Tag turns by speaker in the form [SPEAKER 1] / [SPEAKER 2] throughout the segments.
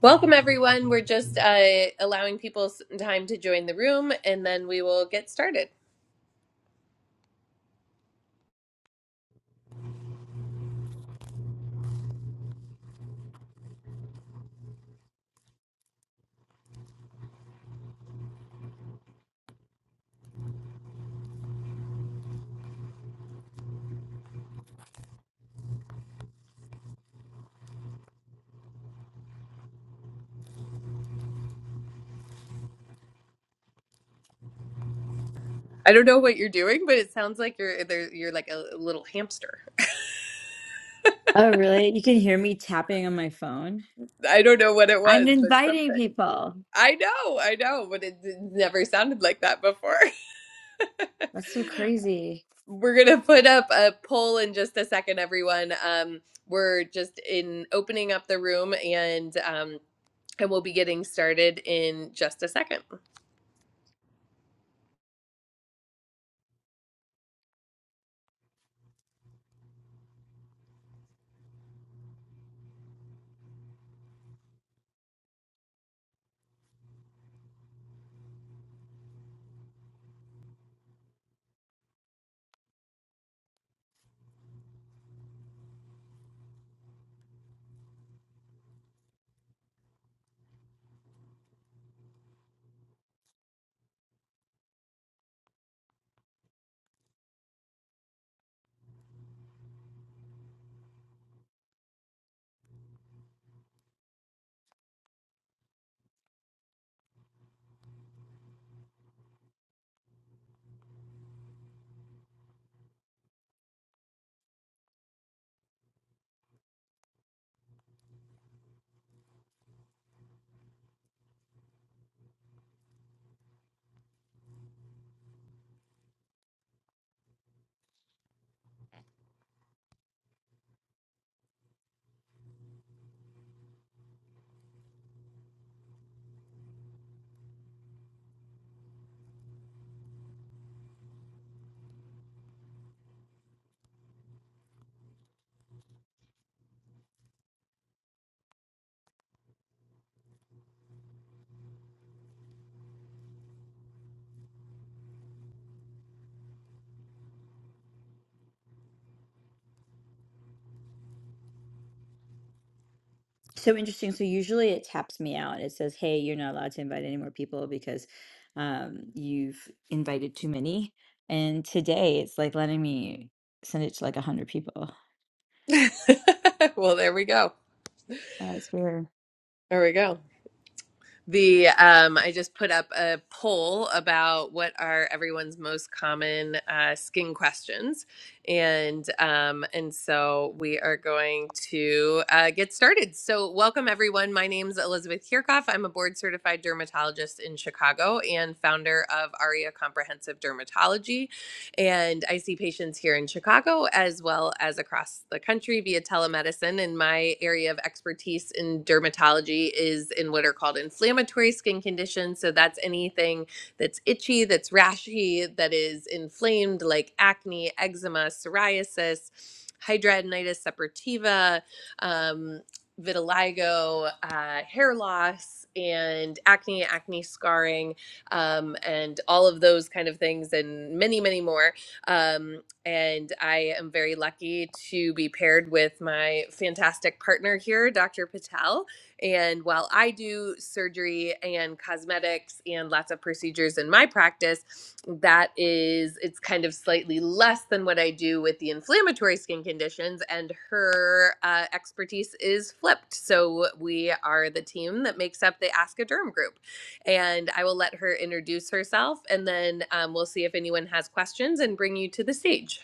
[SPEAKER 1] Welcome, everyone. We're just uh, allowing people s- time to join the room, and then we will get started. I don't know what you're doing, but it sounds like you're there, you're like a little hamster.
[SPEAKER 2] Oh, really? You can hear me tapping on my phone?
[SPEAKER 1] I don't know what it
[SPEAKER 2] I'm
[SPEAKER 1] was, but
[SPEAKER 2] inviting
[SPEAKER 1] something.
[SPEAKER 2] people.
[SPEAKER 1] I know, I know, but it, it never sounded like that before.
[SPEAKER 2] That's so crazy.
[SPEAKER 1] We're gonna put up a poll in just a second, everyone. Um, we're just in opening up the room, and um, and we'll be getting started in just a second.
[SPEAKER 2] So interesting. So usually it taps me out. It says, "Hey, you're not allowed to invite any more people because um, you've invited too many." And today it's like letting me send it to like 100 people.
[SPEAKER 1] well, there we go.
[SPEAKER 2] That's weird.
[SPEAKER 1] There we go. the um, I just put up a poll about what are everyone's most common uh, skin questions, and um, and so we are going to uh, get started. So welcome everyone. My name's Elizabeth Kirchhoff. I'm a board certified dermatologist in Chicago and founder of Aria Comprehensive Dermatology. And I see patients here in Chicago as well as across the country via telemedicine. And my area of expertise in dermatology is in what are called inflammatory skin conditions. So that's anything that's itchy, that's rashy, that is inflamed, like acne, eczema, psoriasis, hidradenitis suppurativa, um, vitiligo, uh, hair loss, and acne, acne scarring um, and all of those kind of things, and many, many more. Um, and I am very lucky to be paired with my fantastic partner here, Dr. Patel. And while I do surgery and cosmetics and lots of procedures in my practice, that is, it's kind of slightly less than what I do with the inflammatory skin conditions. And her uh, expertise is flipped. So we are the team that makes up the Ask a Derm group and I will let her introduce herself, and then um, we'll see if anyone has questions and bring you to the stage.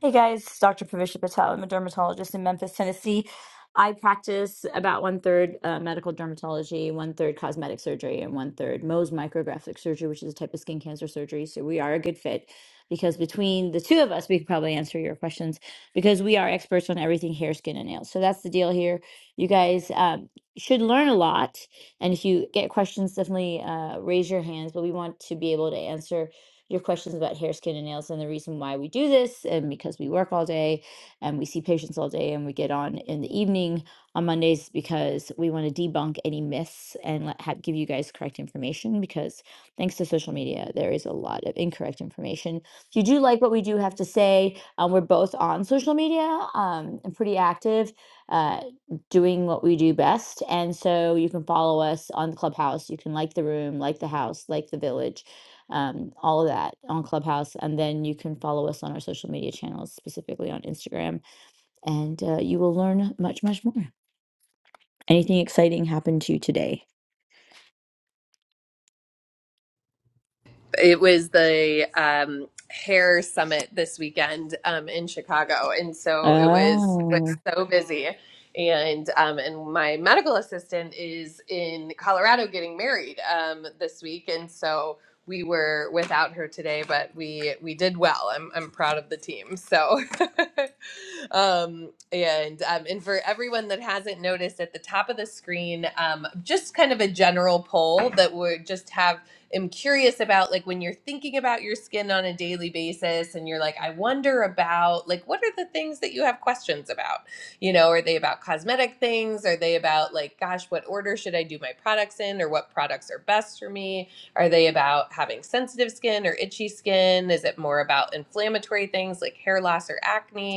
[SPEAKER 2] Hey guys, Dr. Pravisha Patel. I'm a dermatologist in Memphis, Tennessee. I practice about one third uh, medical dermatology, one third cosmetic surgery, and one third Mohs micrographic surgery, which is a type of skin cancer surgery. So we are a good fit because between the two of us, we could probably answer your questions because we are experts on everything hair, skin, and nails. So that's the deal here. You guys um, should learn a lot. And if you get questions, definitely uh, raise your hands, but we want to be able to answer your questions about hair, skin, and nails and the reason why we do this. And because we work all day and we see patients all day and we get on in the evening on Mondays because we want to debunk any myths and let, have, give you guys correct information because thanks to social media, there is a lot of incorrect information. If you do like what we do have to say, um, we're both on social media um, and pretty active. Uh, doing what we do best. And so you can follow us on Clubhouse. You can like the room, like the house, like the village um, all of that on Clubhouse. And then you can follow us on our social media channels, specifically on Instagram, and uh, you will learn much, much more. Anything exciting happened to you today?
[SPEAKER 1] It was the um, hair summit this weekend um, in Chicago, and so it was was
[SPEAKER 2] Oh,
[SPEAKER 1] so busy. And um, and my medical assistant is in Colorado getting married um, this week, and so we were without her today, but we we did well. I'm I'm proud of the team. So um, and um, and for everyone that hasn't noticed, at the top of the screen, um, just kind of a general poll that would just have. i am curious about like when you're thinking about your skin on a daily basis, and you're like, I wonder about like what are the things that you have questions about? You know, are they about cosmetic things? Are they about like, gosh, what order should I do my products in, or what products are best for me? Are they about having sensitive skin or itchy skin? Is it more about inflammatory things like hair loss or acne?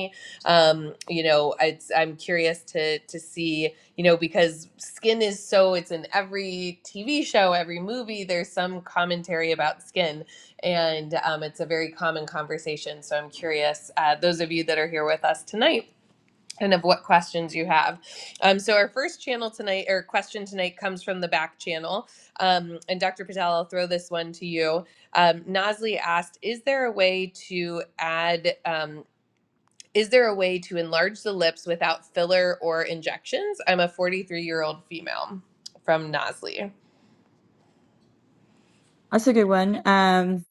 [SPEAKER 1] um you know it's i'm curious to to see you know because skin is so it's in every tv show every movie there's some commentary about skin and um, it's a very common conversation so i'm curious uh, those of you that are here with us tonight and of what questions you have um, so our first channel tonight or question tonight comes from the back channel um, and dr patel i'll throw this one to you um, Nosley asked, "Is there a way to add? um, is there a way to enlarge the lips without filler or injections? I'm a 43 year old female from Nosley.
[SPEAKER 2] that's a good one. Um,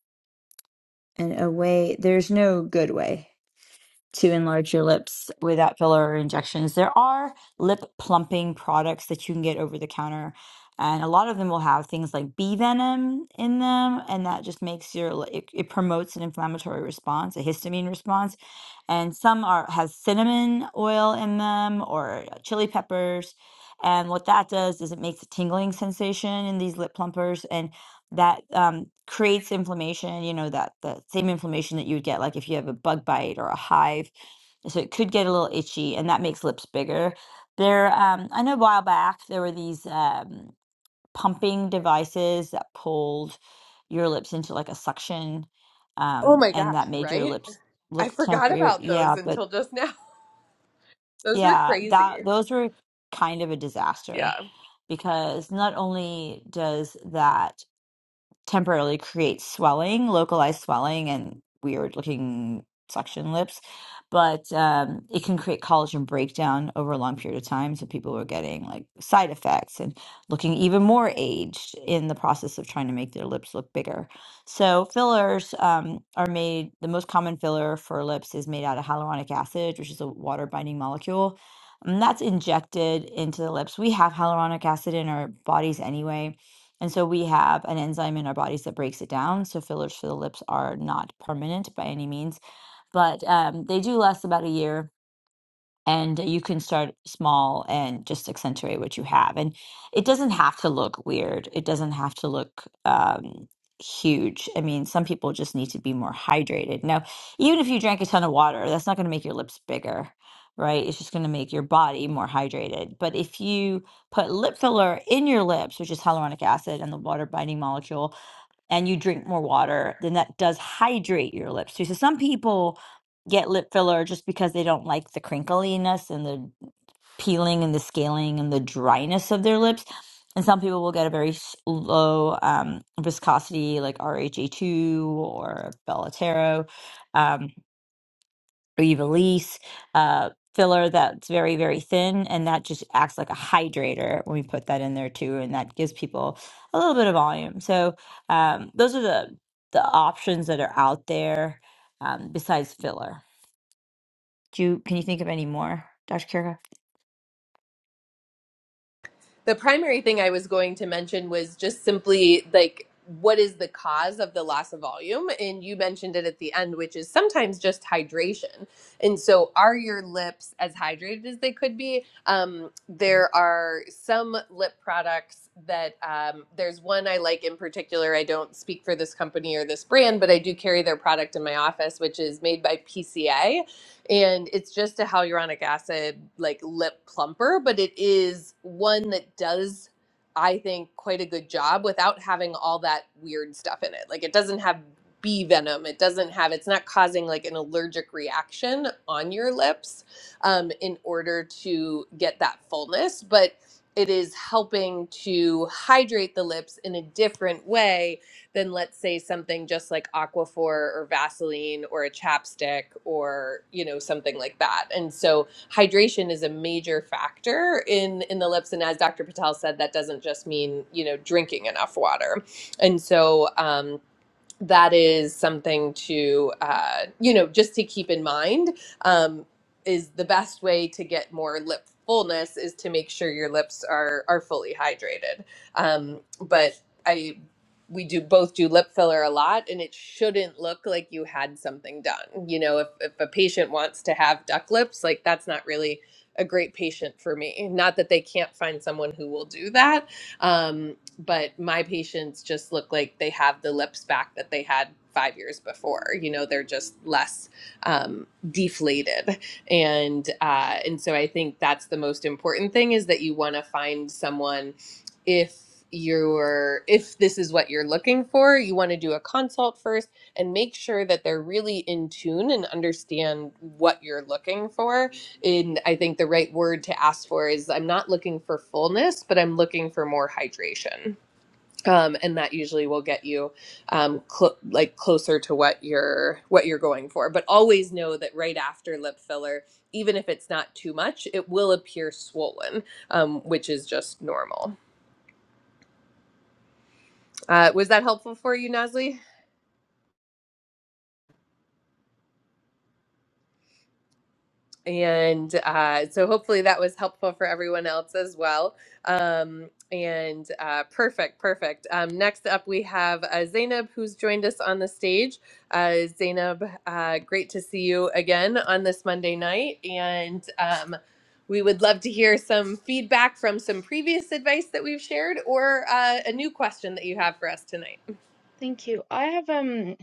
[SPEAKER 2] and a way, there's no good way. to enlarge your lips without filler or injections. There are lip plumping products that you can get over the counter, and a lot of them will have things like bee venom in them, and that just makes your li- it, it promotes an inflammatory response, a histamine response, and some are has cinnamon oil in them or uh, chili peppers. And what that does is it makes a tingling sensation in these lip plumpers, and that um, creates inflammation. You know that the same inflammation that you would get, like if you have a bug bite or a hive so it could get a little itchy and that makes lips bigger there um i know a while back there were these um pumping devices that pulled your lips into like a suction
[SPEAKER 1] Oh
[SPEAKER 2] um
[SPEAKER 1] my
[SPEAKER 2] and
[SPEAKER 1] gosh,
[SPEAKER 2] that made your
[SPEAKER 1] right?
[SPEAKER 2] lips
[SPEAKER 1] I
[SPEAKER 2] look
[SPEAKER 1] forgot
[SPEAKER 2] temporary
[SPEAKER 1] about those
[SPEAKER 2] yeah but
[SPEAKER 1] until just now. Those were
[SPEAKER 2] yeah that
[SPEAKER 1] crazy.
[SPEAKER 2] those were kind of a
[SPEAKER 1] Yeah.
[SPEAKER 2] disaster because not only does that temporarily create swelling, localized swelling, and weird looking suction lips. But um, it can create collagen breakdown over a long period of time. So people are getting like side effects and looking even more aged in the process of trying to make their lips look bigger. So fillers um, are made, the most common filler for lips is made out of hyaluronic acid, which is a water binding molecule. And that's injected into the lips. We have hyaluronic acid in our bodies anyway and so we have an enzyme in our bodies that breaks it down. So fillers for the lips are not permanent by any means, but um, they do last about a year and you can start small and just accentuate what you have and it doesn't have to look weird it doesn't have to look um huge i mean some people just need to be more hydrated now even if you drank a ton of water that's not going to make your lips bigger right it's just going to make your body more hydrated but if you put lip filler in your lips which is hyaluronic acid and the water binding molecule and you drink more water, then that does hydrate your lips too. So some people get lip filler just because they don't like the crinkliness and the peeling and the scaling and the dryness of their lips. And some people will get a very s- low um, viscosity, like RHA2 or Bellatero. Um, Release uh, filler that's very, very thin, and that just acts like a hydrator when we put that in there too, and that gives people a little bit of volume. So um, those are the the options that are out there um, besides filler. Do you, can you think of any more, Dr. Kirka?
[SPEAKER 1] the primary thing I was going to mention was just simply like what is the cause of the loss of volume? And you mentioned it at the end, which is sometimes just hydration. And so, are your lips as hydrated as they could be? Um, there are some lip products that um, there's one I like in particular. I don't speak for this company or this brand, but I do carry their product in my office, which is made by PCA and it's just a hyaluronic acid like lip plumper but it is one that does i think quite a good job without having all that weird stuff in it like it doesn't have bee venom it doesn't have it's not causing like an allergic reaction on your lips um, in order to get that fullness but it is helping to hydrate the lips in a different way than let's say something just like Aquaphor or Vaseline or a chapstick or you know something like that. And so hydration is a major factor in in the lips. And as Dr. Patel said, that doesn't just mean you know drinking enough water. And so. Um, that is something to uh, you know just to keep in mind um, is the best way to get more lip fullness is to make sure your lips are are fully hydrated um, but i we do both do lip filler a lot and it shouldn't look like you had something done you know if, if a patient wants to have duck lips like that's not really a great patient for me not that they can't find someone who will do that um, but my patients just look like they have the lips back that they had five years before you know they're just less um, deflated and uh, and so i think that's the most important thing is that you want to find someone if you're if this is what you're looking for you want to do a consult first and make sure that they're really in tune and understand what you're looking for and I think the right word to ask for is I'm not looking for fullness, but I'm looking for more hydration. Um, and that usually will get you um, cl- like closer to what you're what you're going for. But always know that right after lip filler, even if it's not too much, it will appear swollen, um, which is just normal. Uh, was that helpful for you, Nasli? and uh, so hopefully that was helpful for everyone else as well. Um, and uh, perfect, perfect. Um, next up, we have uh, Zainab, who's joined us on the stage. Uh, Zainab, uh, great to see you again on this Monday night. And um, we would love to hear some feedback from some previous advice that we've shared or uh, a new question that you have for us tonight.
[SPEAKER 3] Thank you. I have um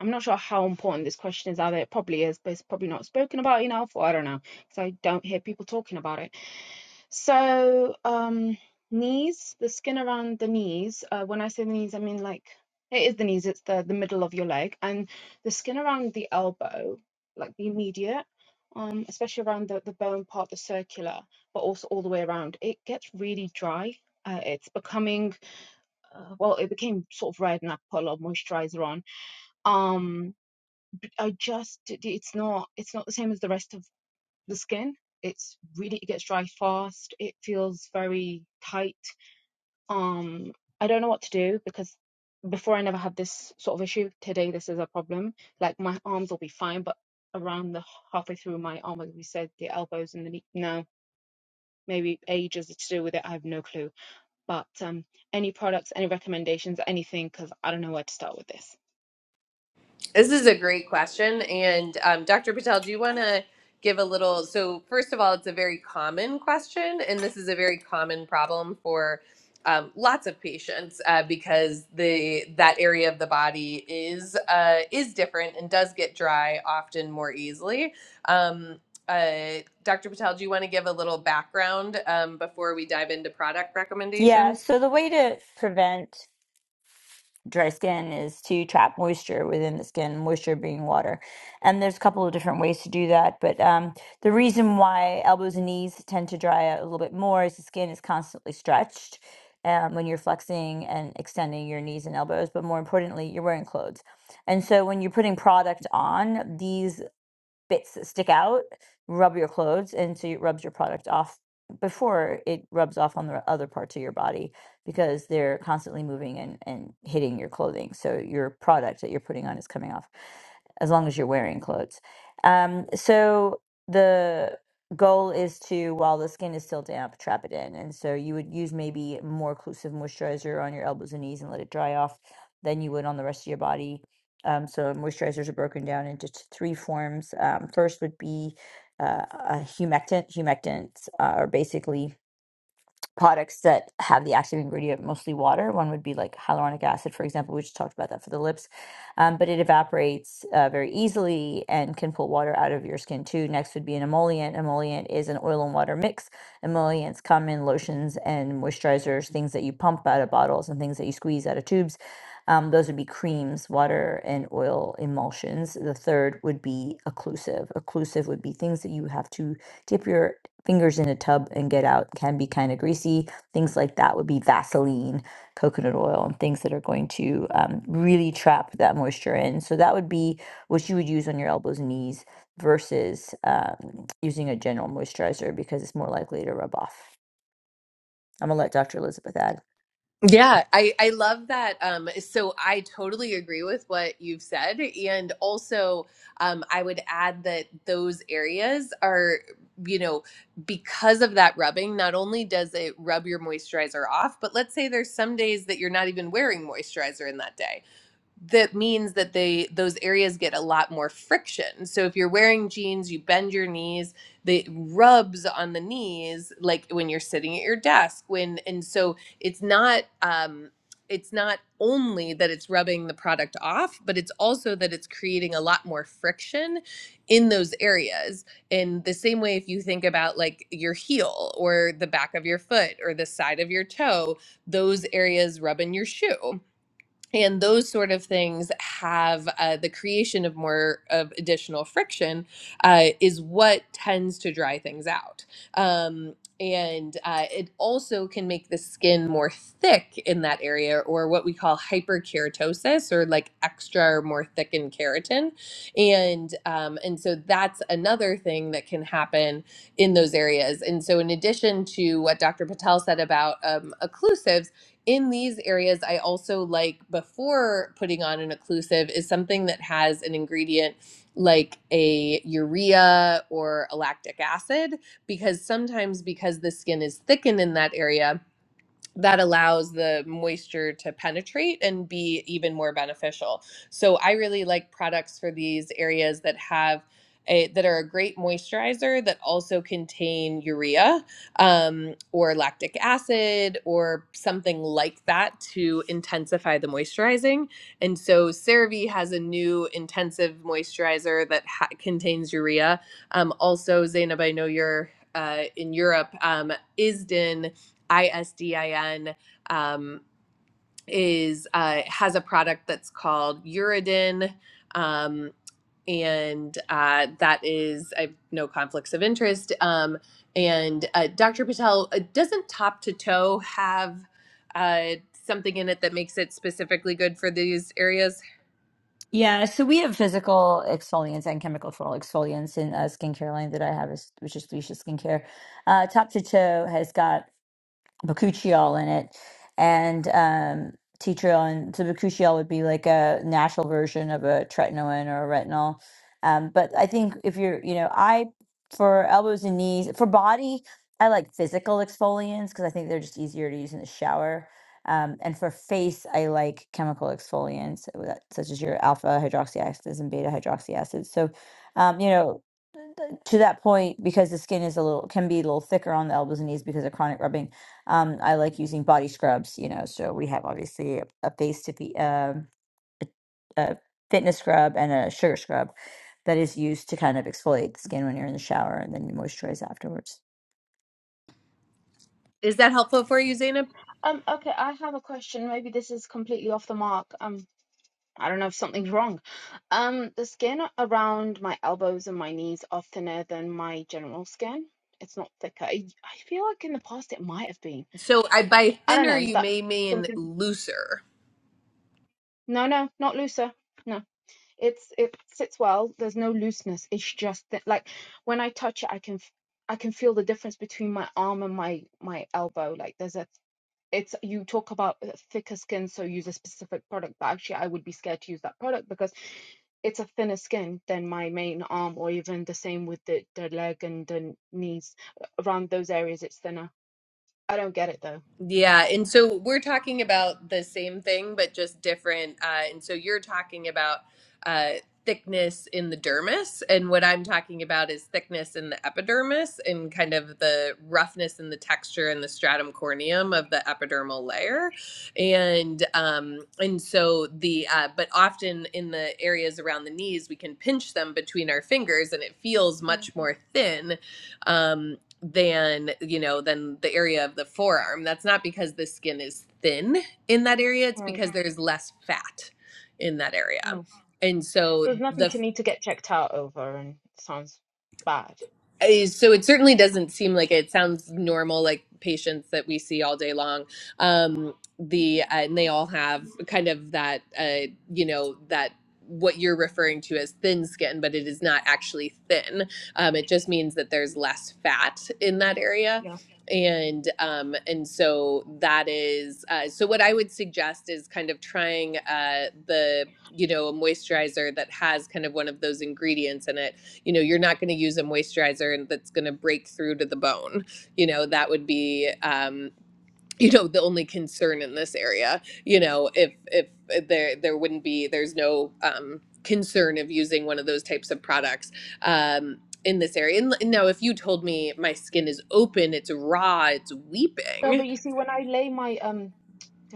[SPEAKER 3] I'm not sure how important this question is either. It probably is, but it's probably not spoken about enough, or I don't know, because I don't hear people talking about it. So, um, knees, the skin around the knees. Uh, when I say the knees, I mean like it is the knees. It's the the middle of your leg, and the skin around the elbow, like the immediate, um, especially around the the bone part, the circular, but also all the way around. It gets really dry. Uh, it's becoming uh, well, it became sort of red, and I put a lot of moisturizer on um i just it's not it's not the same as the rest of the skin it's really it gets dry fast it feels very tight um i don't know what to do because before i never had this sort of issue today this is a problem like my arms will be fine but around the halfway through my arm like we said the elbows and the knee no maybe age is to do with it i have no clue but um any products any recommendations anything because i don't know where to start with this
[SPEAKER 1] This is a great question. And um, Dr. Patel, do you want to give a little? So, first of all, it's a very common question, and this is a very common problem for um, lots of patients uh, because the that area of the body is uh, is different and does get dry often more easily. Um, uh, Dr. Patel, do you want to give a little background um, before we dive into product
[SPEAKER 2] Yeah,
[SPEAKER 1] recommendations?
[SPEAKER 2] so the way to prevent dry skin is to trap moisture within the skin, moisture being water. And there's a couple of different ways to do that. But um, the reason why elbows and knees tend to dry out a little bit more is the skin is constantly stretched um, when you're flexing and extending your knees and elbows. But more importantly, you're wearing clothes. And so when you're putting product on, these bits that stick out, rub your clothes until it rubs your product off before it rubs off on the other parts of your body because they're constantly moving and, and hitting your clothing. So your product that you're putting on is coming off as long as you're wearing clothes. Um, so the goal is to, while the skin is still damp, trap it in. And so you would use maybe more occlusive moisturizer on your elbows and knees and let it dry off than you would on the rest of your body um, so moisturizers are broken down into t- three forms. Um, first would be uh, uh, humectant. Humectants uh, are basically products that have the active ingredient mostly water. One would be like hyaluronic acid, for example. We just talked about that for the lips, um, but it evaporates uh, very easily and can pull water out of your skin too. Next would be an emollient. Emollient is an oil and water mix. Emollients come in lotions and moisturizers, things that you pump out of bottles and things that you squeeze out of tubes. Um, those would be creams, water, and oil emulsions. The third would be occlusive. Occlusive would be things that you have to dip your fingers in a tub and get out can be kind of greasy. Things like that would be Vaseline, coconut oil, and things that are going to um, really trap that moisture in. So that would be what you would use on your elbows and knees versus um, using a general moisturizer because it's more likely to rub off. I'm gonna let Dr. Elizabeth add.
[SPEAKER 1] Yeah, I, I love that. Um, so I totally agree with what you've said. And also, um, I would add that those areas are, you know, because of that rubbing, not only does it rub your moisturizer off, but let's say there's some days that you're not even wearing moisturizer in that day that means that they those areas get a lot more friction. So if you're wearing jeans, you bend your knees, the rubs on the knees, like when you're sitting at your desk. When and so it's not um, it's not only that it's rubbing the product off, but it's also that it's creating a lot more friction in those areas. In the same way, if you think about like your heel or the back of your foot or the side of your toe, those areas rub in your shoe and those sort of things have uh, the creation of more of additional friction uh, is what tends to dry things out um, and uh, it also can make the skin more thick in that area or what we call hyperkeratosis or like extra or more thickened keratin and um, and so that's another thing that can happen in those areas and so in addition to what dr patel said about um, occlusives in these areas, I also like before putting on an occlusive is something that has an ingredient like a urea or a lactic acid because sometimes because the skin is thickened in that area that allows the moisture to penetrate and be even more beneficial. So I really like products for these areas that have a, that are a great moisturizer that also contain urea um, or lactic acid or something like that to intensify the moisturizing. And so CeraVe has a new intensive moisturizer that ha- contains urea. Um, also, Zainab, I know you're uh, in Europe. Um, Isden ISDIN um, is uh, has a product that's called Uridin. Um, and uh, that is I have no conflicts of interest. Um, and uh, Dr. Patel uh, doesn't top to toe have uh, something in it that makes it specifically good for these areas.
[SPEAKER 2] Yeah, so we have physical exfoliants and chemical floral exfoliants in uh, skincare line that I have, is, which is Lucia Skincare. Uh, top to toe has got bakuchiol in it and um teatriol and so bakuchiol would be like a natural version of a tretinoin or a retinol um but i think if you're you know i for elbows and knees for body i like physical exfoliants because i think they're just easier to use in the shower um, and for face i like chemical exfoliants uh, that- such as your alpha hydroxy acids and beta hydroxy acids so um, you know to that point because the skin is a little can be a little thicker on the elbows and knees because of chronic rubbing um, I like using body scrubs, you know, so we have obviously a, a face to be uh, a fitness scrub and a sugar scrub that is used to kind of exfoliate the skin when you're in the shower and then you moisturize afterwards.
[SPEAKER 1] Is that helpful for you, Zainab?
[SPEAKER 3] Um, okay, I have a question. Maybe this is completely off the mark. Um, I don't know if something's wrong. Um, the skin around my elbows and my knees are thinner than my general skin. It's not thicker. I, I feel like in the past it might have been.
[SPEAKER 1] So I by
[SPEAKER 3] I don't
[SPEAKER 1] thinner
[SPEAKER 3] know. Is
[SPEAKER 1] you
[SPEAKER 3] that
[SPEAKER 1] may mean
[SPEAKER 3] something?
[SPEAKER 1] looser.
[SPEAKER 3] No, no, not looser. No, it's it sits well. There's no looseness. It's just that, like when I touch it, I can f- I can feel the difference between my arm and my my elbow. Like there's a it's you talk about uh, thicker skin, so use a specific product, but actually I would be scared to use that product because it's a thinner skin than my main arm, or even the same with the, the leg and the knees. Around those areas, it's thinner. I don't get it though.
[SPEAKER 1] Yeah, and so we're talking about the same thing, but just different. Uh, and so you're talking about uh, thickness in the dermis, and what I'm talking about is thickness in the epidermis and kind of the roughness and the texture and the stratum corneum of the epidermal layer. And um, and so the uh, but often in the areas around the knees, we can pinch them between our fingers, and it feels
[SPEAKER 3] Yeah,
[SPEAKER 1] much more thin um, than you know than the area of the forearm that's not because the skin is thin in that area it's
[SPEAKER 3] right.
[SPEAKER 1] because there's less fat in that area
[SPEAKER 3] Oh,
[SPEAKER 1] and
[SPEAKER 3] So
[SPEAKER 1] so
[SPEAKER 3] there's nothing
[SPEAKER 1] the
[SPEAKER 3] to need to get checked out over, and it sounds bad.
[SPEAKER 1] Uh, so it certainly doesn't seem like it. It sounds normal, like patients that we see all day long. Um, the uh, and they all have kind of that, uh, you know, that what you're referring to as thin skin, but it is not actually thin. Um, it just means that there's less fat in that area.
[SPEAKER 3] Yeah.
[SPEAKER 1] And um, and so that is uh, so. What I would suggest is kind of trying uh, the you know a moisturizer that has kind of one of those ingredients in it you know you're not going to use a moisturizer and that's going to break through to the bone you know that would be um you know the only concern in this area you know if if uh, there there wouldn't be there's no um concern of using one of those types of products um in this area and l- now if you told me my skin is open it's raw it's
[SPEAKER 3] No,
[SPEAKER 1] weeping
[SPEAKER 3] but you see, when I lay my um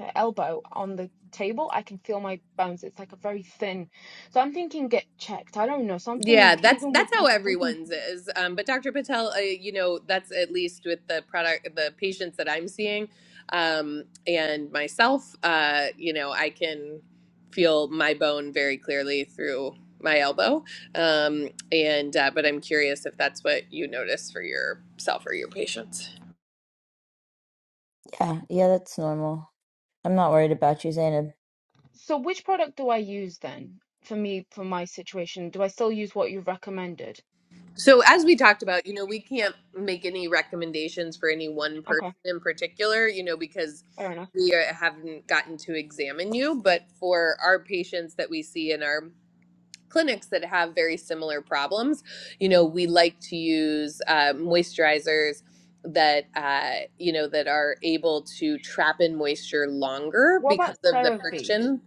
[SPEAKER 3] uh, elbow on the table, I can feel my bones. It's like a very thin. So I'm thinking, get checked. I don't know
[SPEAKER 1] Yeah,
[SPEAKER 3] something.
[SPEAKER 1] that's
[SPEAKER 3] Even with
[SPEAKER 1] that's
[SPEAKER 3] my
[SPEAKER 1] how
[SPEAKER 3] something
[SPEAKER 1] everyone's is. Um, but Dr. Patel, uh, you know, that's at least with the product, the patients that I'm seeing, um, and myself. Uh, you know, I can feel my bone very clearly through my elbow. Um, and uh, but I'm curious if that's what you notice for yourself or your patients.
[SPEAKER 2] Yeah, yeah, that's normal. I'm not worried about you, Zainab.
[SPEAKER 3] So which product do I use then for me for my situation? Do I still use what you've recommended?
[SPEAKER 1] So, as we talked about, you know, we can't make any recommendations for any one person
[SPEAKER 3] Okay,
[SPEAKER 1] in particular, you know, because
[SPEAKER 3] fair enough.
[SPEAKER 1] we are, haven't gotten to examine you. But for our patients that we see in our clinics that have very similar problems, you know, we like to use uh, moisturizers that uh, you know that are able to trap in moisture longer
[SPEAKER 3] What
[SPEAKER 1] because
[SPEAKER 3] about
[SPEAKER 1] of the
[SPEAKER 3] CeraVe?
[SPEAKER 1] friction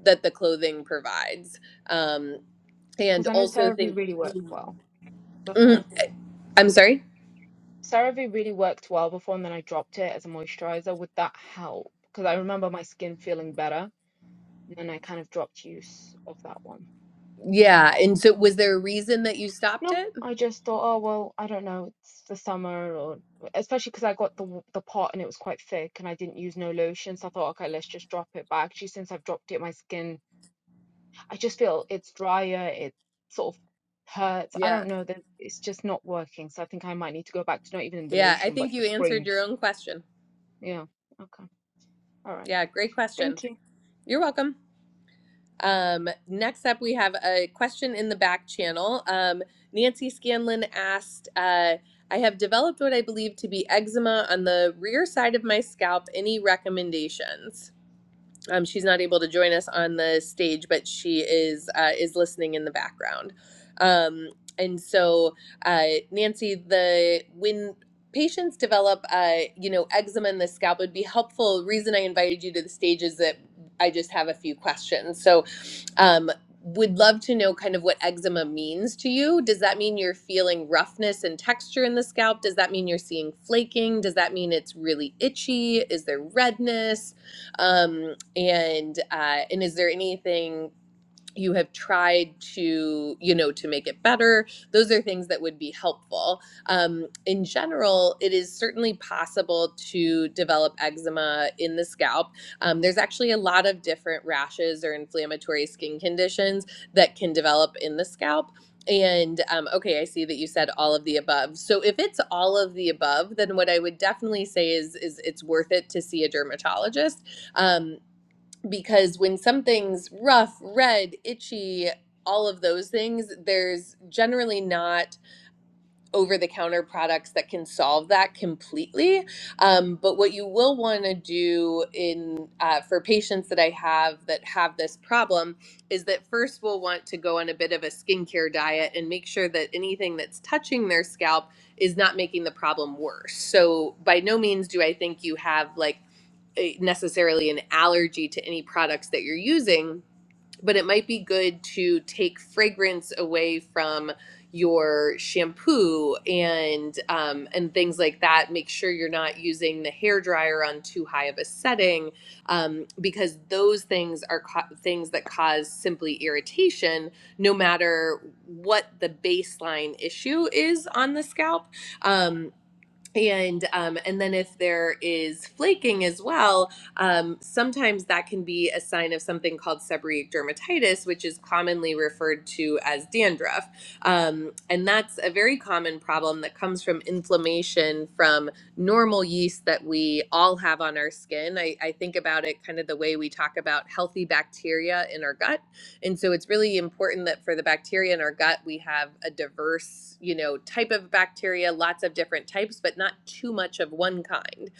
[SPEAKER 1] that the clothing provides, um, and
[SPEAKER 3] Because I know
[SPEAKER 1] also think.
[SPEAKER 3] CeraVe really worked well before.
[SPEAKER 1] Mhm. I'm sorry.
[SPEAKER 3] CeraVe really worked well before, and then I dropped it as a moisturizer. Would that help? Because I remember my skin feeling better, and then I kind of dropped use of that one.
[SPEAKER 1] Yeah. And so was there a reason that you stopped
[SPEAKER 3] No,
[SPEAKER 1] it?
[SPEAKER 3] I just thought, oh well, I don't know, it's the summer, or especially because I got the w- the pot and it was quite thick, and I didn't use no lotion, so I thought, okay, let's just drop it. But actually, since I've dropped it, my skin, I just feel it's drier, it sort of hurts. I
[SPEAKER 1] Yeah.
[SPEAKER 3] don't know, that it's just not working. So I think I might need to go back to not even the
[SPEAKER 1] Yeah. I
[SPEAKER 3] lotion, but
[SPEAKER 1] think
[SPEAKER 3] the
[SPEAKER 1] you answered
[SPEAKER 3] cream.
[SPEAKER 1] your own question.
[SPEAKER 3] Yeah. Okay. All right.
[SPEAKER 1] Yeah. Great question.
[SPEAKER 3] Thank you.
[SPEAKER 1] You're welcome. Um, next up, we have a question in the back channel. Um, Nancy Scanlon asked, uh, I have developed what I believe to be eczema on the rear side of my scalp. Any recommendations? Um, she's not able to join us on the stage, but she is uh, is listening in the background. Um, and so, uh, Nancy, the when patients develop, uh, you know, eczema in the scalp, would be helpful. Reason I invited you to the stage is that I just have a few questions. So, um, would love to know kind of what eczema means to you. Does that mean you're feeling roughness and texture in the scalp? Does that mean you're seeing flaking? Does that mean it's really itchy? Is there redness? Um, and uh, and is there anything you have tried to you know to make it better those are things that would be helpful um, in general it is certainly possible to develop eczema in the scalp um, there's actually a lot of different rashes or inflammatory skin conditions that can develop in the scalp and um, okay i see that you said all of the above so if it's all of the above then what i would definitely say is is it's worth it to see a dermatologist Um, because when something's rough, red, itchy, all of those things, there's generally not over the counter products that can solve that completely. Um, but what you will want to do in uh, for patients that I have that have this problem is that first we'll want to go on a bit of a skincare diet and make sure that anything that's touching their scalp is not making the problem worse. So by no means do I think you have like a- necessarily an allergy to any products that you're using but it might be good to take fragrance away from your shampoo and um, and things like that. Make sure you're not using the hair dryer on too high of a setting um, because those things are ca- things that cause simply irritation, no matter what the baseline issue is on the scalp. Um, and um, and then if there is flaking as well, um, sometimes that can be a sign of something called seborrheic dermatitis, which is commonly referred to as dandruff, um, and that's a very common problem that comes from inflammation from normal yeast that we all have on our skin. I, I think about it kind of the way we talk about healthy bacteria in our gut and so it's really important that for the bacteria in our gut, we have a diverse, you know, type of bacteria, lots of different types, but not too much of one kind.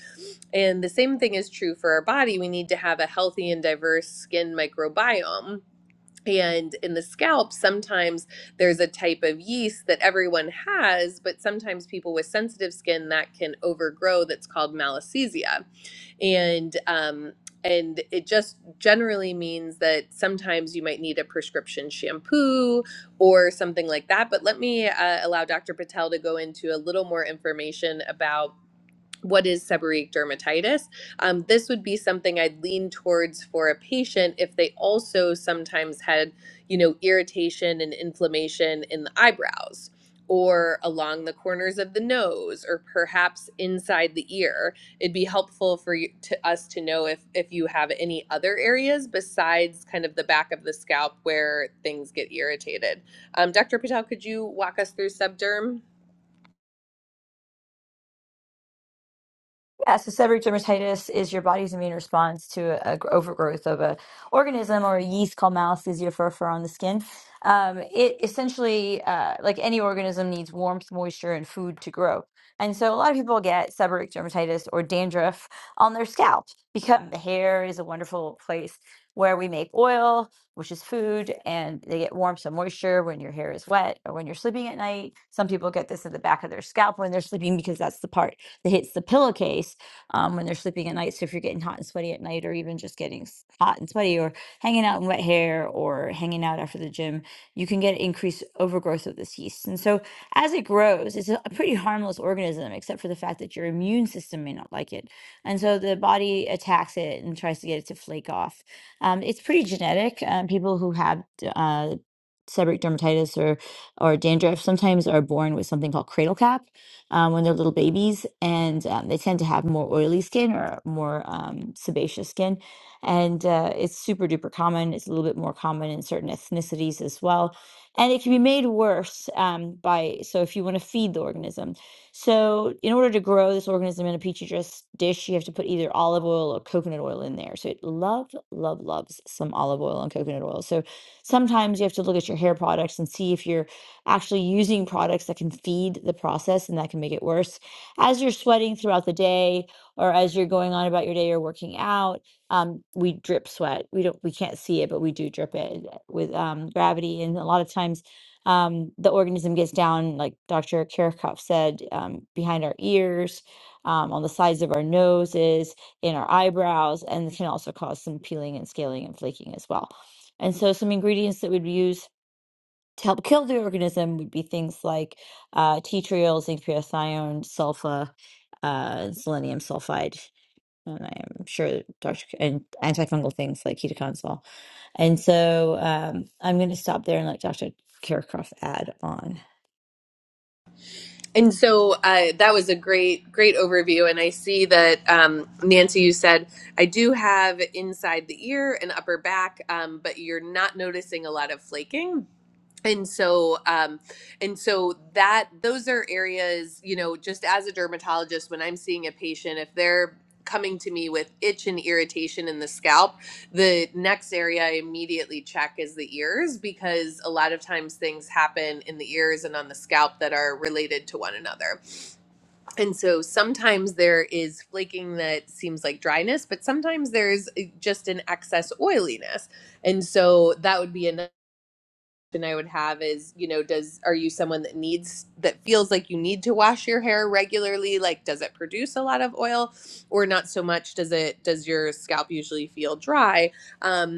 [SPEAKER 1] And the same thing is true for our body. We need to have a healthy and diverse skin microbiome. And in the scalp, sometimes there's a type of yeast that everyone has, but sometimes people with sensitive skin that can overgrow that's called malassezia and um, and it just generally means that sometimes you might need a prescription shampoo or something like that. But let me uh, allow Dr. Patel to go into a little more information about what is seborrheic dermatitis? Um, this would be something I'd lean towards for a patient if they also sometimes had, you know, irritation and inflammation in the eyebrows or along the corners of the nose or perhaps inside the ear. It'd be helpful for you, to us to know if if you have any other areas besides kind of the back of the scalp where things get irritated. Um, Dr. Patel, could you walk us through subderm?
[SPEAKER 2] Yeah, so seborrheic dermatitis is your body's immune response to a, a gr- overgrowth of a organism or a yeast called Malassezia furfura on the skin. Um, it essentially, uh, like any organism, needs warmth, moisture, and food to grow. And so a lot of people get seborrheic dermatitis or dandruff on their scalp because the hair is a wonderful place where we make oil, which is food, and they get warmth and moisture when your hair is wet or when you're sleeping at night. Some people get this at the back of their scalp when they're sleeping because that's the part that hits the pillowcase um, when they're sleeping at night. So if you're getting hot and sweaty at night, or even just getting s- hot and sweaty, or hanging out in wet hair, or hanging out after the gym, you can get increased overgrowth of this yeast. And so as it grows, it's a a pretty harmless organism, except for the fact that your immune system may not like it. And so the body attacks it and tries to get it to flake off. Um, it's pretty genetic. Um, people who have d- uh, seborrheic dermatitis or or dandruff sometimes are born with something called cradle cap um, when they're little babies, and um, they tend to have more oily skin or more um, sebaceous skin. And uh, it's super duper common. It's a little bit more common in certain ethnicities as well. And it can be made worse um, by, so if you want to feed the organism. So, in order to grow this organism in a petri dish, dish, you have to put either olive oil or coconut oil in there. So, it love, love, loves some olive oil and coconut oil. So, sometimes you have to look at your hair products and see if you're actually using products that can feed the process and that can make it worse. As you're sweating throughout the day or as you're going on about your day or working out, um, we drip sweat. We don't we can't see it, but we do drip it with um, gravity. And a lot of times um, the organism gets down, like Dr. Kirchhoff said, um, behind our ears, um, on the sides of our noses, in our eyebrows, and can also cause some peeling and scaling and flaking as well. And so, some ingredients that we'd use to help kill the organism would be things like uh, tea triol, zinc pyrithione, sulfa, uh, selenium sulfide, and I'm sure Dr. K- and antifungal things like ketoconazole. And so um, I'm going to stop there and let Dr. Kirchhoff add on.
[SPEAKER 1] And so uh, that was a great, great overview. And I see that, um, Nancy, you said, I do have inside the ear and upper back, um, but you're not noticing a lot of flaking and so um and so that those are areas you know just as a dermatologist when i'm seeing a patient if they're coming to me with itch and irritation in the scalp the next area i immediately check is the ears because a lot of times things happen in the ears and on the scalp that are related to one another and so sometimes there is flaking that seems like dryness but sometimes there's eh, just an excess oiliness and so that would be another question I would have is, you know, does are you someone that needs that feels like you need to wash your hair regularly? Like, does it produce a lot of oil, or not so much? Does it does your scalp usually feel dry? Um,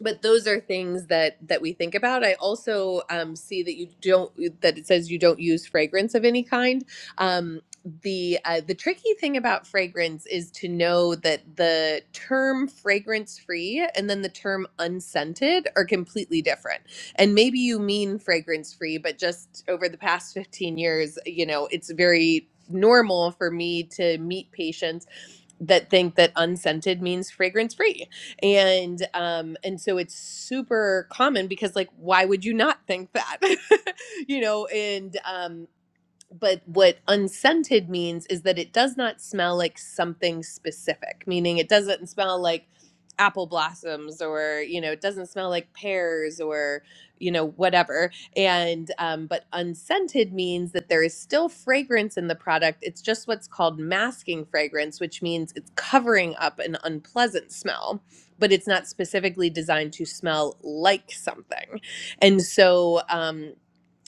[SPEAKER 1] but those are things that that we think about i also um, see that you don't that it says you don't use fragrance of any kind um, the uh, the tricky thing about fragrance is to know that the term fragrance free and then the term unscented are completely different and maybe you mean fragrance free but just over the past 15 years you know it's very normal for me to meet patients that think that unscented means fragrance free and um and so it's super common because like why would you not think that you know and um but what unscented means is that it does not smell like something specific, meaning it doesn't smell like apple blossoms or you know it doesn't smell like pears or you know whatever and um, but unscented means that there is still fragrance in the product it's just what's called masking fragrance which means it's covering up an unpleasant smell but it's not specifically designed to smell like something and so um,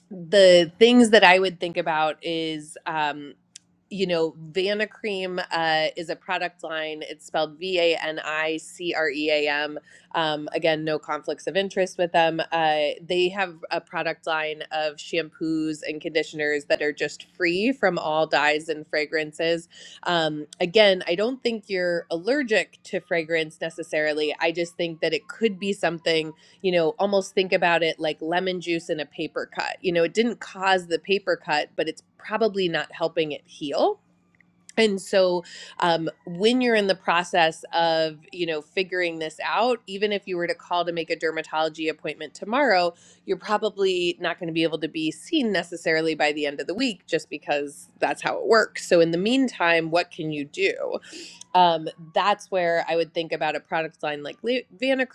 [SPEAKER 1] the things that I would think about is, um, you know, Vanna Cream uh, is a product line. It's spelled V A N I C R E A M. Um, again, no conflicts of interest with them. Uh, they have a product line of shampoos and conditioners that are just free from all dyes and fragrances. Um, again, I don't think you're allergic to fragrance necessarily. I just think that it could be something you know, almost think about it like lemon juice in a paper cut. You know, it didn't cause the paper cut, but it's probably not helping it heal. And so, um, when you're in the process of, you know, figuring this out, even if you were to call to make a dermatology appointment tomorrow, you're probably not going to be able to be seen necessarily by the end of the week just because that's how it works. So, in the meantime, what can you do? Um, that's where I would think about a product line like La- Vana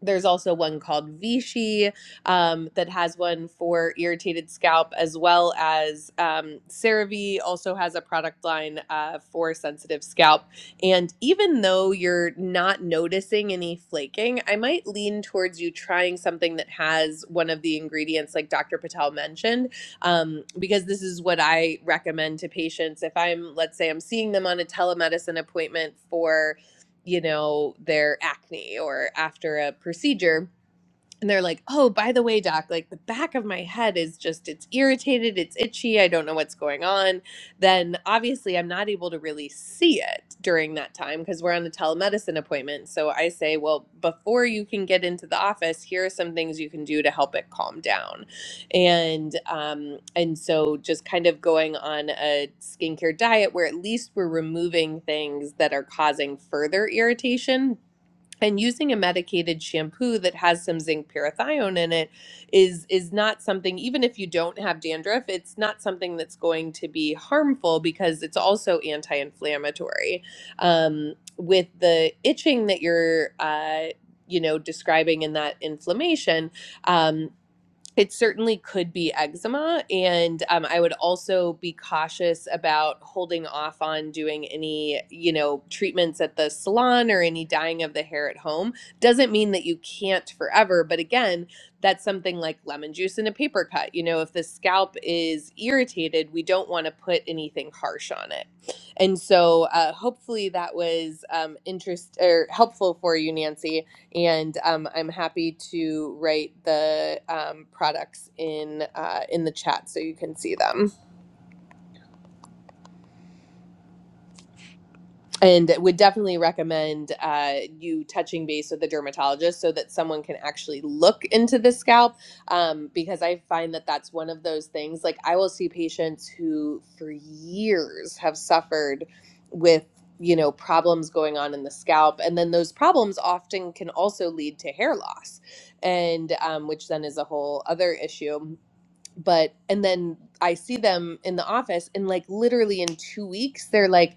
[SPEAKER 1] there's also one called Vichy um, that has one for irritated scalp, as well as um, CeraVe also has a product line uh, for sensitive scalp. And even though you're not noticing any flaking, I might lean towards you trying something that has one of the ingredients, like Dr. Patel mentioned, um, because this is what I recommend to patients. If I'm, let's say, I'm seeing them on a telemedicine appointment for you know, their acne or after a procedure and they're like, "Oh, by the way, doc, like the back of my head is just it's irritated, it's itchy, I don't know what's going on." Then obviously I'm not able to really see it during that time because we're on a telemedicine appointment. So I say, "Well, before you can get into the office, here are some things you can do to help it calm down." And um and so just kind of going on a skincare diet where at least we're removing things that are causing further irritation and using a medicated shampoo that has some zinc parathione in it is is not something even if you don't have dandruff it's not something that's going to be harmful because it's also anti-inflammatory um, with the itching that you're uh, you know describing in that inflammation um, it certainly could be eczema and um, i would also be cautious about holding off on doing any you know treatments at the salon or any dyeing of the hair at home doesn't mean that you can't forever but again that's something like lemon juice in a paper cut you know if the scalp is irritated we don't want to put anything harsh on it and so uh, hopefully that was um, interest or helpful for you nancy and um, I'm happy to write the um, products in uh, in the chat so you can see them. and would definitely recommend uh, you touching base with the dermatologist so that someone can actually look into the scalp um, because i find that that's one of those things like i will see patients who for years have suffered with you know problems going on in the scalp and then those problems often can also lead to hair loss and um, which then is a whole other issue but and then i see them in the office and like literally in two weeks they're like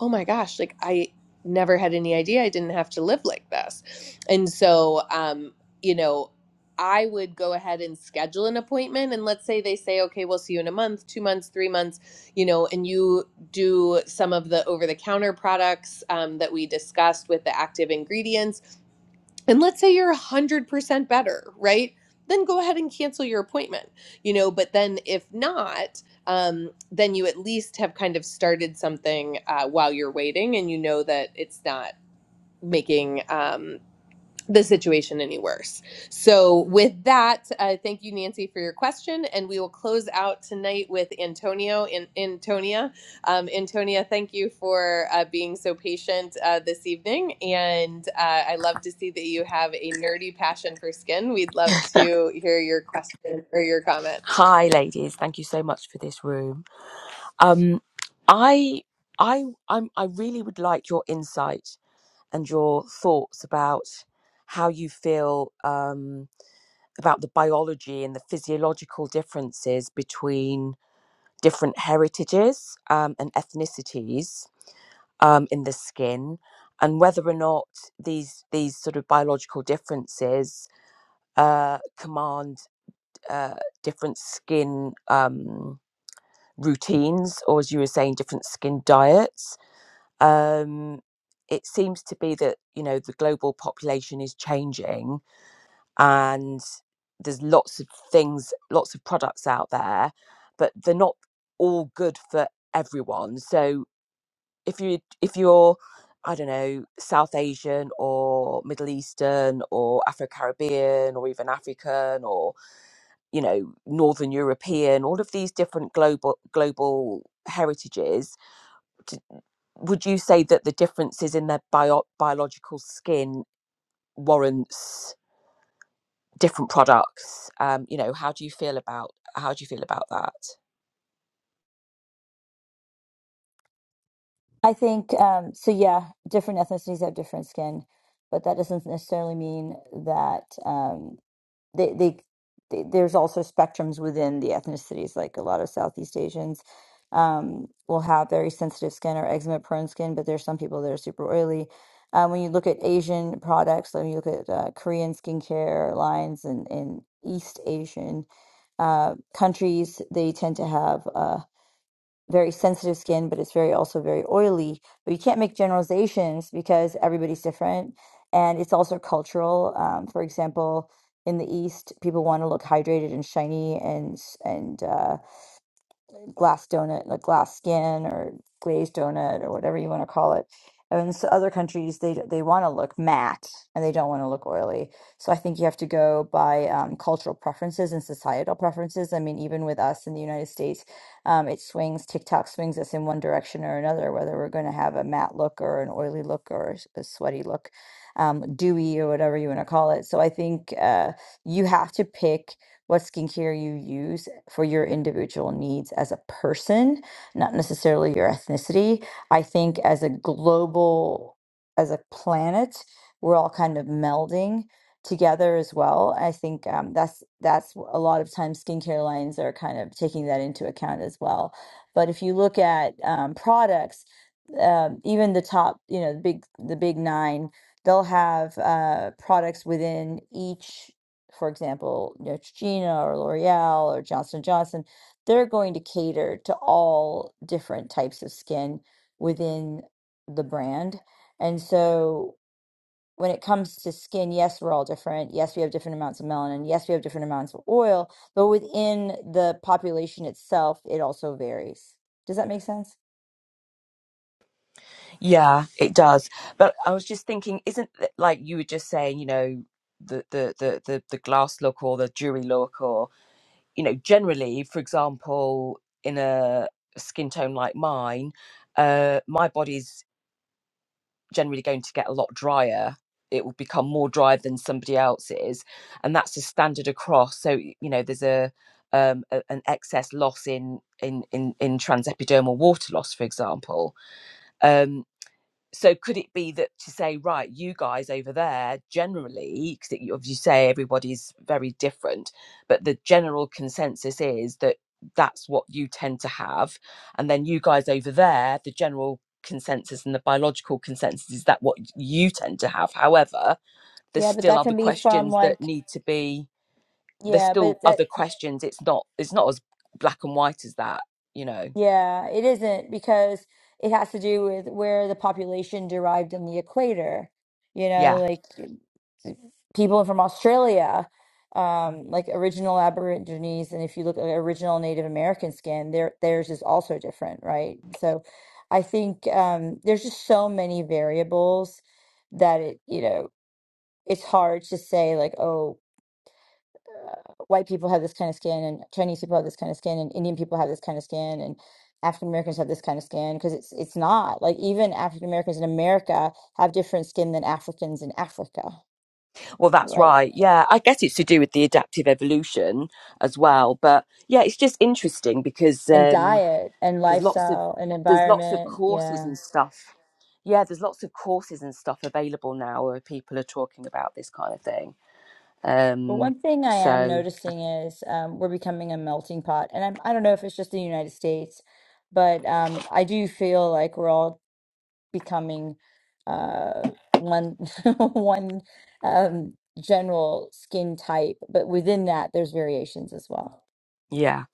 [SPEAKER 1] oh my gosh, like I never had any idea I didn't have to live like this. And so, um, you know, I would go ahead and schedule an appointment. And let's say they say, okay, we'll see you in a month, two months, three months, you know, and you do some of the over the counter products um, that we discussed with the active ingredients and let's say you're 100% better, right? Then go ahead and cancel your appointment, you know. But then if not, um, then you at least have kind of started something uh, while you're waiting and you know that it's not making, um, the situation any worse. So, with that, uh, thank you, Nancy, for your question, and we will close out tonight with Antonio. In Antonia, um, Antonia, thank you for uh, being so patient uh, this evening, and uh, I love to see that you have a nerdy passion for skin. We'd love to hear your question or your comment.
[SPEAKER 4] Hi, ladies. Thank you so much for this room. Um, I, I, I'm, I really would like your insight and your thoughts about how you feel um, about the biology and the physiological differences between different heritages um, and ethnicities um, in the skin, and whether or not these these sort of biological differences uh, command uh, different skin. Um, routines or as you were saying different skin diets um it seems to be that you know the global population is changing and there's lots of things lots of products out there but they're not all good for everyone so if you if you're i don't know south asian or middle eastern or afro-caribbean or even african or you know northern european all of these different global global heritages would you say that the differences in their bio- biological skin warrants different products um you know how do you feel about how do you feel about that
[SPEAKER 2] I think um, so. Yeah, different ethnicities have different skin, but that doesn't necessarily mean that um, they, they they there's also spectrums within the ethnicities. Like a lot of Southeast Asians um, will have very sensitive skin or eczema prone skin, but there's some people that are super oily. Um, when you look at Asian products, when you look at uh, Korean skincare lines and, and East Asian uh, countries, they tend to have. uh, very sensitive skin, but it's very also very oily. But you can't make generalizations because everybody's different, and it's also cultural. Um, for example, in the East, people want to look hydrated and shiny and s- and uh, glass donut, like glass skin or glazed donut or whatever you want to call it. And so other countries, they they want to look matte and they don't want to look oily. So I think you have to go by um, cultural preferences and societal preferences. I mean, even with us in the United States, um, it swings, TikTok swings us in one direction or another, whether we're going to have a matte look or an oily look or a sweaty look, um, dewy or whatever you want to call it. So I think uh, you have to pick what skincare you use for your individual needs as a person, not necessarily your ethnicity. I think as a global, as a planet, we're all kind of melding together as well. I think um, that's that's wh- a lot of times skincare lines are kind of taking that into account as well. But if you look at um, products, um, even the top, you know, the big the big nine, they'll have uh, products within each for example, Neutrogena or L'Oreal or Johnson and Johnson, they're going to cater to all different types of skin within the brand. And so when it comes to skin, yes, we're all different. Yes, we have different amounts of melanin. Yes, we have different amounts of oil, but within the population itself, it also varies. Does that make sense?
[SPEAKER 4] Yeah, it does. But I was just thinking, isn't it like you were just saying, you know, the the the the, the glass look or the jewelry look, or you know, generally, for example, in a skin tone like mine, uh, my body's generally going to get a lot drier. It will become more dry than somebody else's, and that's the standard across. So y- you know, there's a um, a- an excess loss in in in in transepidermal water loss, for example. Um, so could it be that to say right you guys over there generally because as you say everybody's very different but the general consensus is that that's what you tend to have and then you guys over there the general consensus and the biological consensus is that what you tend to have however there's
[SPEAKER 2] Yeah, but
[SPEAKER 4] still
[SPEAKER 2] that
[SPEAKER 4] other
[SPEAKER 2] can be from
[SPEAKER 4] questions that
[SPEAKER 2] like,
[SPEAKER 4] need to be there's
[SPEAKER 2] yeah, but
[SPEAKER 4] still
[SPEAKER 2] that
[SPEAKER 4] other questions it's not it's not as black and white as that you know
[SPEAKER 2] Yeah, it isn't because it has to do with where the population derived in the equator. You know,
[SPEAKER 4] yeah
[SPEAKER 2] like y- people from Australia, um, like original Aborigines, and if you look at original Native American skin, their theirs is also different, right? So I think um, there's just so many variables that it, you know, it's hard to say like, oh, white people have this kind of skin and Chinese people have this kind of skin and Indian people have this kind of skin and African Americans have this kind of skin because it's it's not like even African Americans in America have different skin than Africans in Africa,
[SPEAKER 4] Well, that's
[SPEAKER 2] right?
[SPEAKER 4] right. Yeah, I guess it's to do with the adaptive evolution as well. But yeah, it's just interesting because
[SPEAKER 2] And
[SPEAKER 4] um,
[SPEAKER 2] diet and
[SPEAKER 4] there's lots of
[SPEAKER 2] lifestyle and
[SPEAKER 4] there's lots of
[SPEAKER 2] environment,
[SPEAKER 4] courses
[SPEAKER 2] yeah.
[SPEAKER 4] and stuff. Yeah, there's lots of courses and stuff available now where people are talking about this kind of thing.
[SPEAKER 2] But
[SPEAKER 4] Um,
[SPEAKER 2] one thing I am
[SPEAKER 4] so
[SPEAKER 2] noticing is um, we're becoming a melting pot, and I'm, I don't know if it's just the United States, but um, I do feel like we're all becoming uh, one one um, general skin type, but within that, there's variations as well.
[SPEAKER 4] yeah,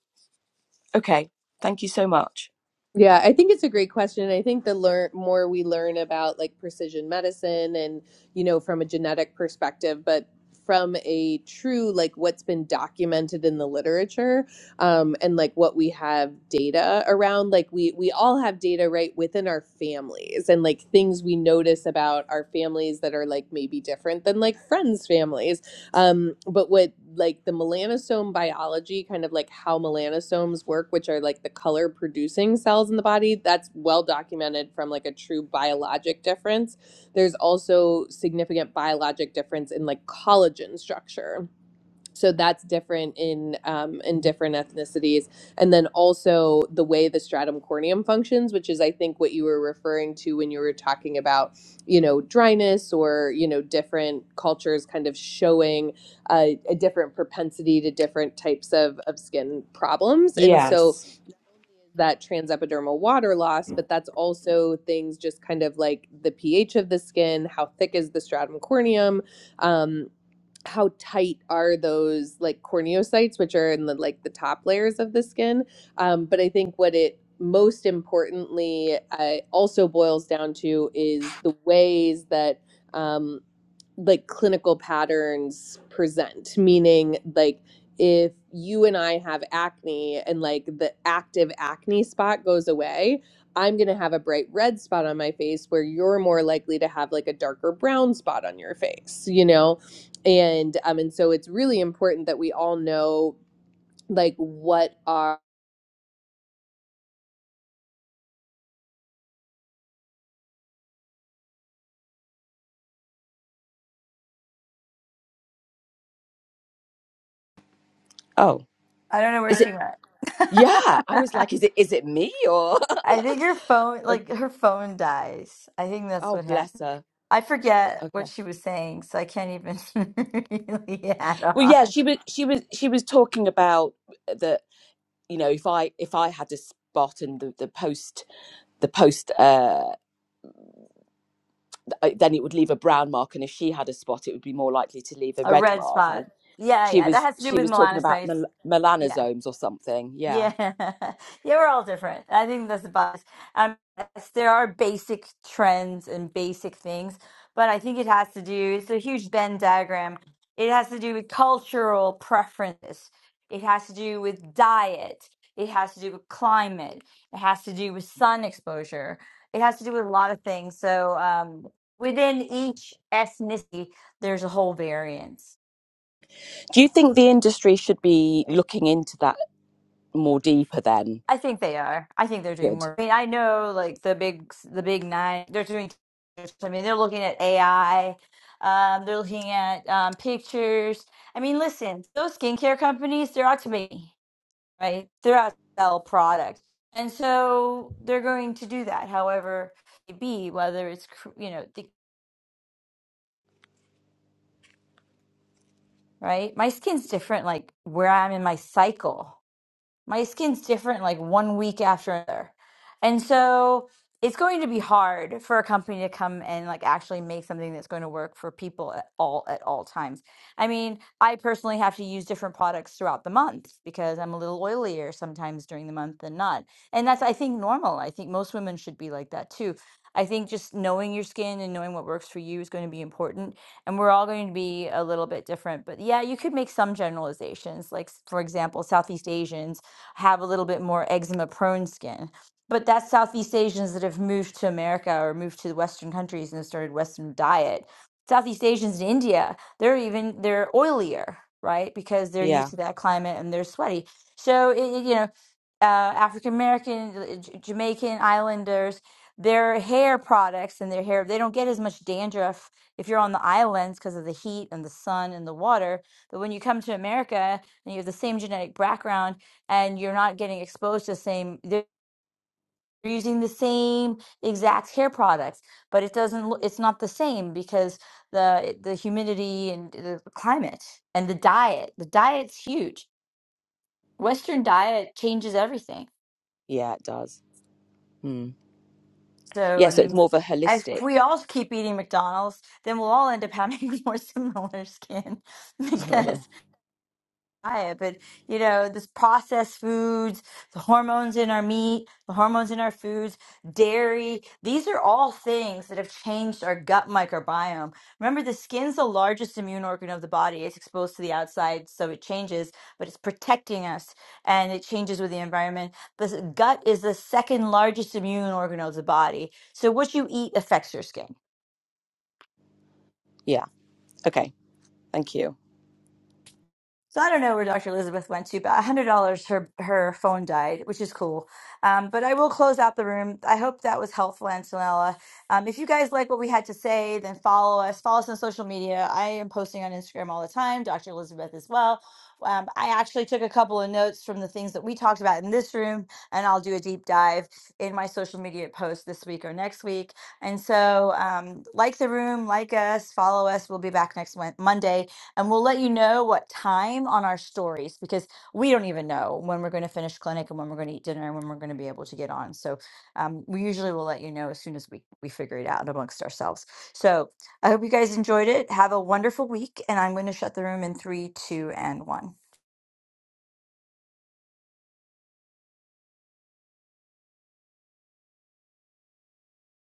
[SPEAKER 4] okay. Thank you so much.
[SPEAKER 1] Yeah, I think it's a great question. I think the learn more we learn about like precision medicine and you know from a genetic perspective, but from a true like what's been documented in the literature um, and like what we have data around like we we all have data right within our families and like things we notice about our families that are like maybe different than like friends families um, but what like the melanosome biology, kind of like how melanosomes work, which are like the color producing cells in the body, that's well documented from like a true biologic difference. There's also significant biologic difference in like collagen structure so that's different in um, in different ethnicities and then also the way the stratum corneum functions which is i think what you were referring to when you were talking about you know dryness or you know different cultures kind of showing uh, a different propensity to different types of, of skin problems and so
[SPEAKER 4] Yes.
[SPEAKER 1] that transepidermal water loss but that's also things just kind of like the ph of the skin how thick is the stratum corneum um how tight are those like corneocytes which are in the like the top layers of the skin um, but i think what it most importantly uh, also boils down to is the ways that um, like clinical patterns present meaning like if you and i have acne and like the active acne spot goes away i'm going to have a bright red spot on my face where you're more likely to have like a darker brown spot on your face you know and um and so it's really important that we all know like what are
[SPEAKER 4] Oh,
[SPEAKER 2] I don't know where
[SPEAKER 4] is it?
[SPEAKER 2] she went.
[SPEAKER 4] Yeah, I was like, is it is it me or?
[SPEAKER 2] I think her phone, like her phone dies. I think that's
[SPEAKER 4] oh,
[SPEAKER 2] what
[SPEAKER 4] bless
[SPEAKER 2] happened.
[SPEAKER 4] her.
[SPEAKER 2] I forget what
[SPEAKER 4] Okay.
[SPEAKER 2] she was saying, so I can't even really add
[SPEAKER 4] Well, yeah,
[SPEAKER 2] on.
[SPEAKER 4] she was she was she was talking about the. you know if i if i had a spot and the, the post the post uh then it would leave a brown mark and if she had a spot it would be more likely to leave a
[SPEAKER 2] A
[SPEAKER 4] red
[SPEAKER 2] red
[SPEAKER 4] mark
[SPEAKER 2] spot.
[SPEAKER 4] And
[SPEAKER 2] Yeah,
[SPEAKER 4] she
[SPEAKER 2] yeah, that
[SPEAKER 4] was
[SPEAKER 2] has to do
[SPEAKER 4] she
[SPEAKER 2] with
[SPEAKER 4] was talking about
[SPEAKER 2] melanocytes.
[SPEAKER 4] mel-
[SPEAKER 2] Yeah.
[SPEAKER 4] melanosomes or something yeah
[SPEAKER 2] Yeah, yeah, we're all different. I think that's the best. Um, yes, there are basic trends and basic things, but I think it has to do, it's a huge Venn diagram. It has to do with cultural preferences. It has to do with diet. It has to do with climate. It has to do with sun exposure. It has to do with a lot of things. So, um, within each ethnicity, there's a whole variance.
[SPEAKER 4] do you think the industry should be looking into that more deeper then
[SPEAKER 2] I think they are. I think they're doing
[SPEAKER 4] good
[SPEAKER 2] more. I mean, I know like the big the big nine. They're doing. I mean, they're looking at AI. Um, they're looking at um, pictures. I mean, listen, those skincare companies, they're out to me, right? They're out to sell products, and so they're going to do that. However, it be whether it's cr- you know the right. My skin's different, like where I'm in my cycle. my skin's different like one week after another. And so it's going to be hard for a company to come and like actually make something that's going to work for people at all at all times. I mean, I personally have to use different products throughout the month because I'm a little oilier sometimes during the month than not. And that's I think normal. I think most women should be like that too. I think just knowing your skin and knowing what works for you is going to be important. And we're all going to be a little bit different. But yeah, you could make some generalizations. Like, s- for example, Southeast Asians have a little bit more eczema prone skin. But that's Southeast Asians that have moved to America or moved to the Western countries and started Western diet. Southeast Asians in India, they're even they're oilier, right? Because they're
[SPEAKER 4] yeah
[SPEAKER 2] used to that climate and they're sweaty. So it, it- you know, uh, African American, uh, J- Jamaican Islanders, their hair products and their hair, they don't get as much dandruff if you're on the islands because of the heat and the sun and the water. But when you come to America and you have the same genetic background and you're not getting exposed to the same they're using the same exact hair products but it doesn't look it's not the same because the the humidity and the climate and the diet the diet's huge western diet changes everything
[SPEAKER 4] yeah it does hmm.
[SPEAKER 2] so
[SPEAKER 4] yeah
[SPEAKER 2] i
[SPEAKER 4] so
[SPEAKER 2] mean
[SPEAKER 4] it's
[SPEAKER 2] if
[SPEAKER 4] more of a
[SPEAKER 2] if we
[SPEAKER 4] holistic
[SPEAKER 2] all keep eating mcdonald's then we'll all end up having more similar skin
[SPEAKER 4] uh,
[SPEAKER 2] because diet, but you know, this processed foods, the hormones in our meat, the hormones in our foods, dairy, these are all things that have changed our gut microbiome. Remember, the skin's the largest immune organ of the body. It's exposed to the outside, so it changes, but it's protecting us and it changes with the environment. The s- gut is the second largest immune organ of the body. So what you eat affects your skin.
[SPEAKER 4] yeah okay thank you
[SPEAKER 2] So I don't know where Dr. Elizabeth went to, but $100 her her phone died, which is cool. Um, but I will close out the room. I hope that was helpful, Antonella. Um, if you guys like what we had to say, then follow us. Follow us on social media. I am posting on Instagram all the time, Dr. Elizabeth as well. Um, I actually took a couple of notes from the things that we talked about in this room, and I'll do a deep dive in my social media post this week or next week. And so, um, like the room, like us, follow us. We'll be back next Wed- Monday and we'll let you know what time on our stories because we don't even know when we're going to finish clinic and when we're going to eat dinner and when we're going to be able to get on. So um, we usually will let you know as soon as we, we figure it out amongst ourselves. So I hope you guys enjoyed it. Have a wonderful week. And I'm going to shut the room in three, two, and one.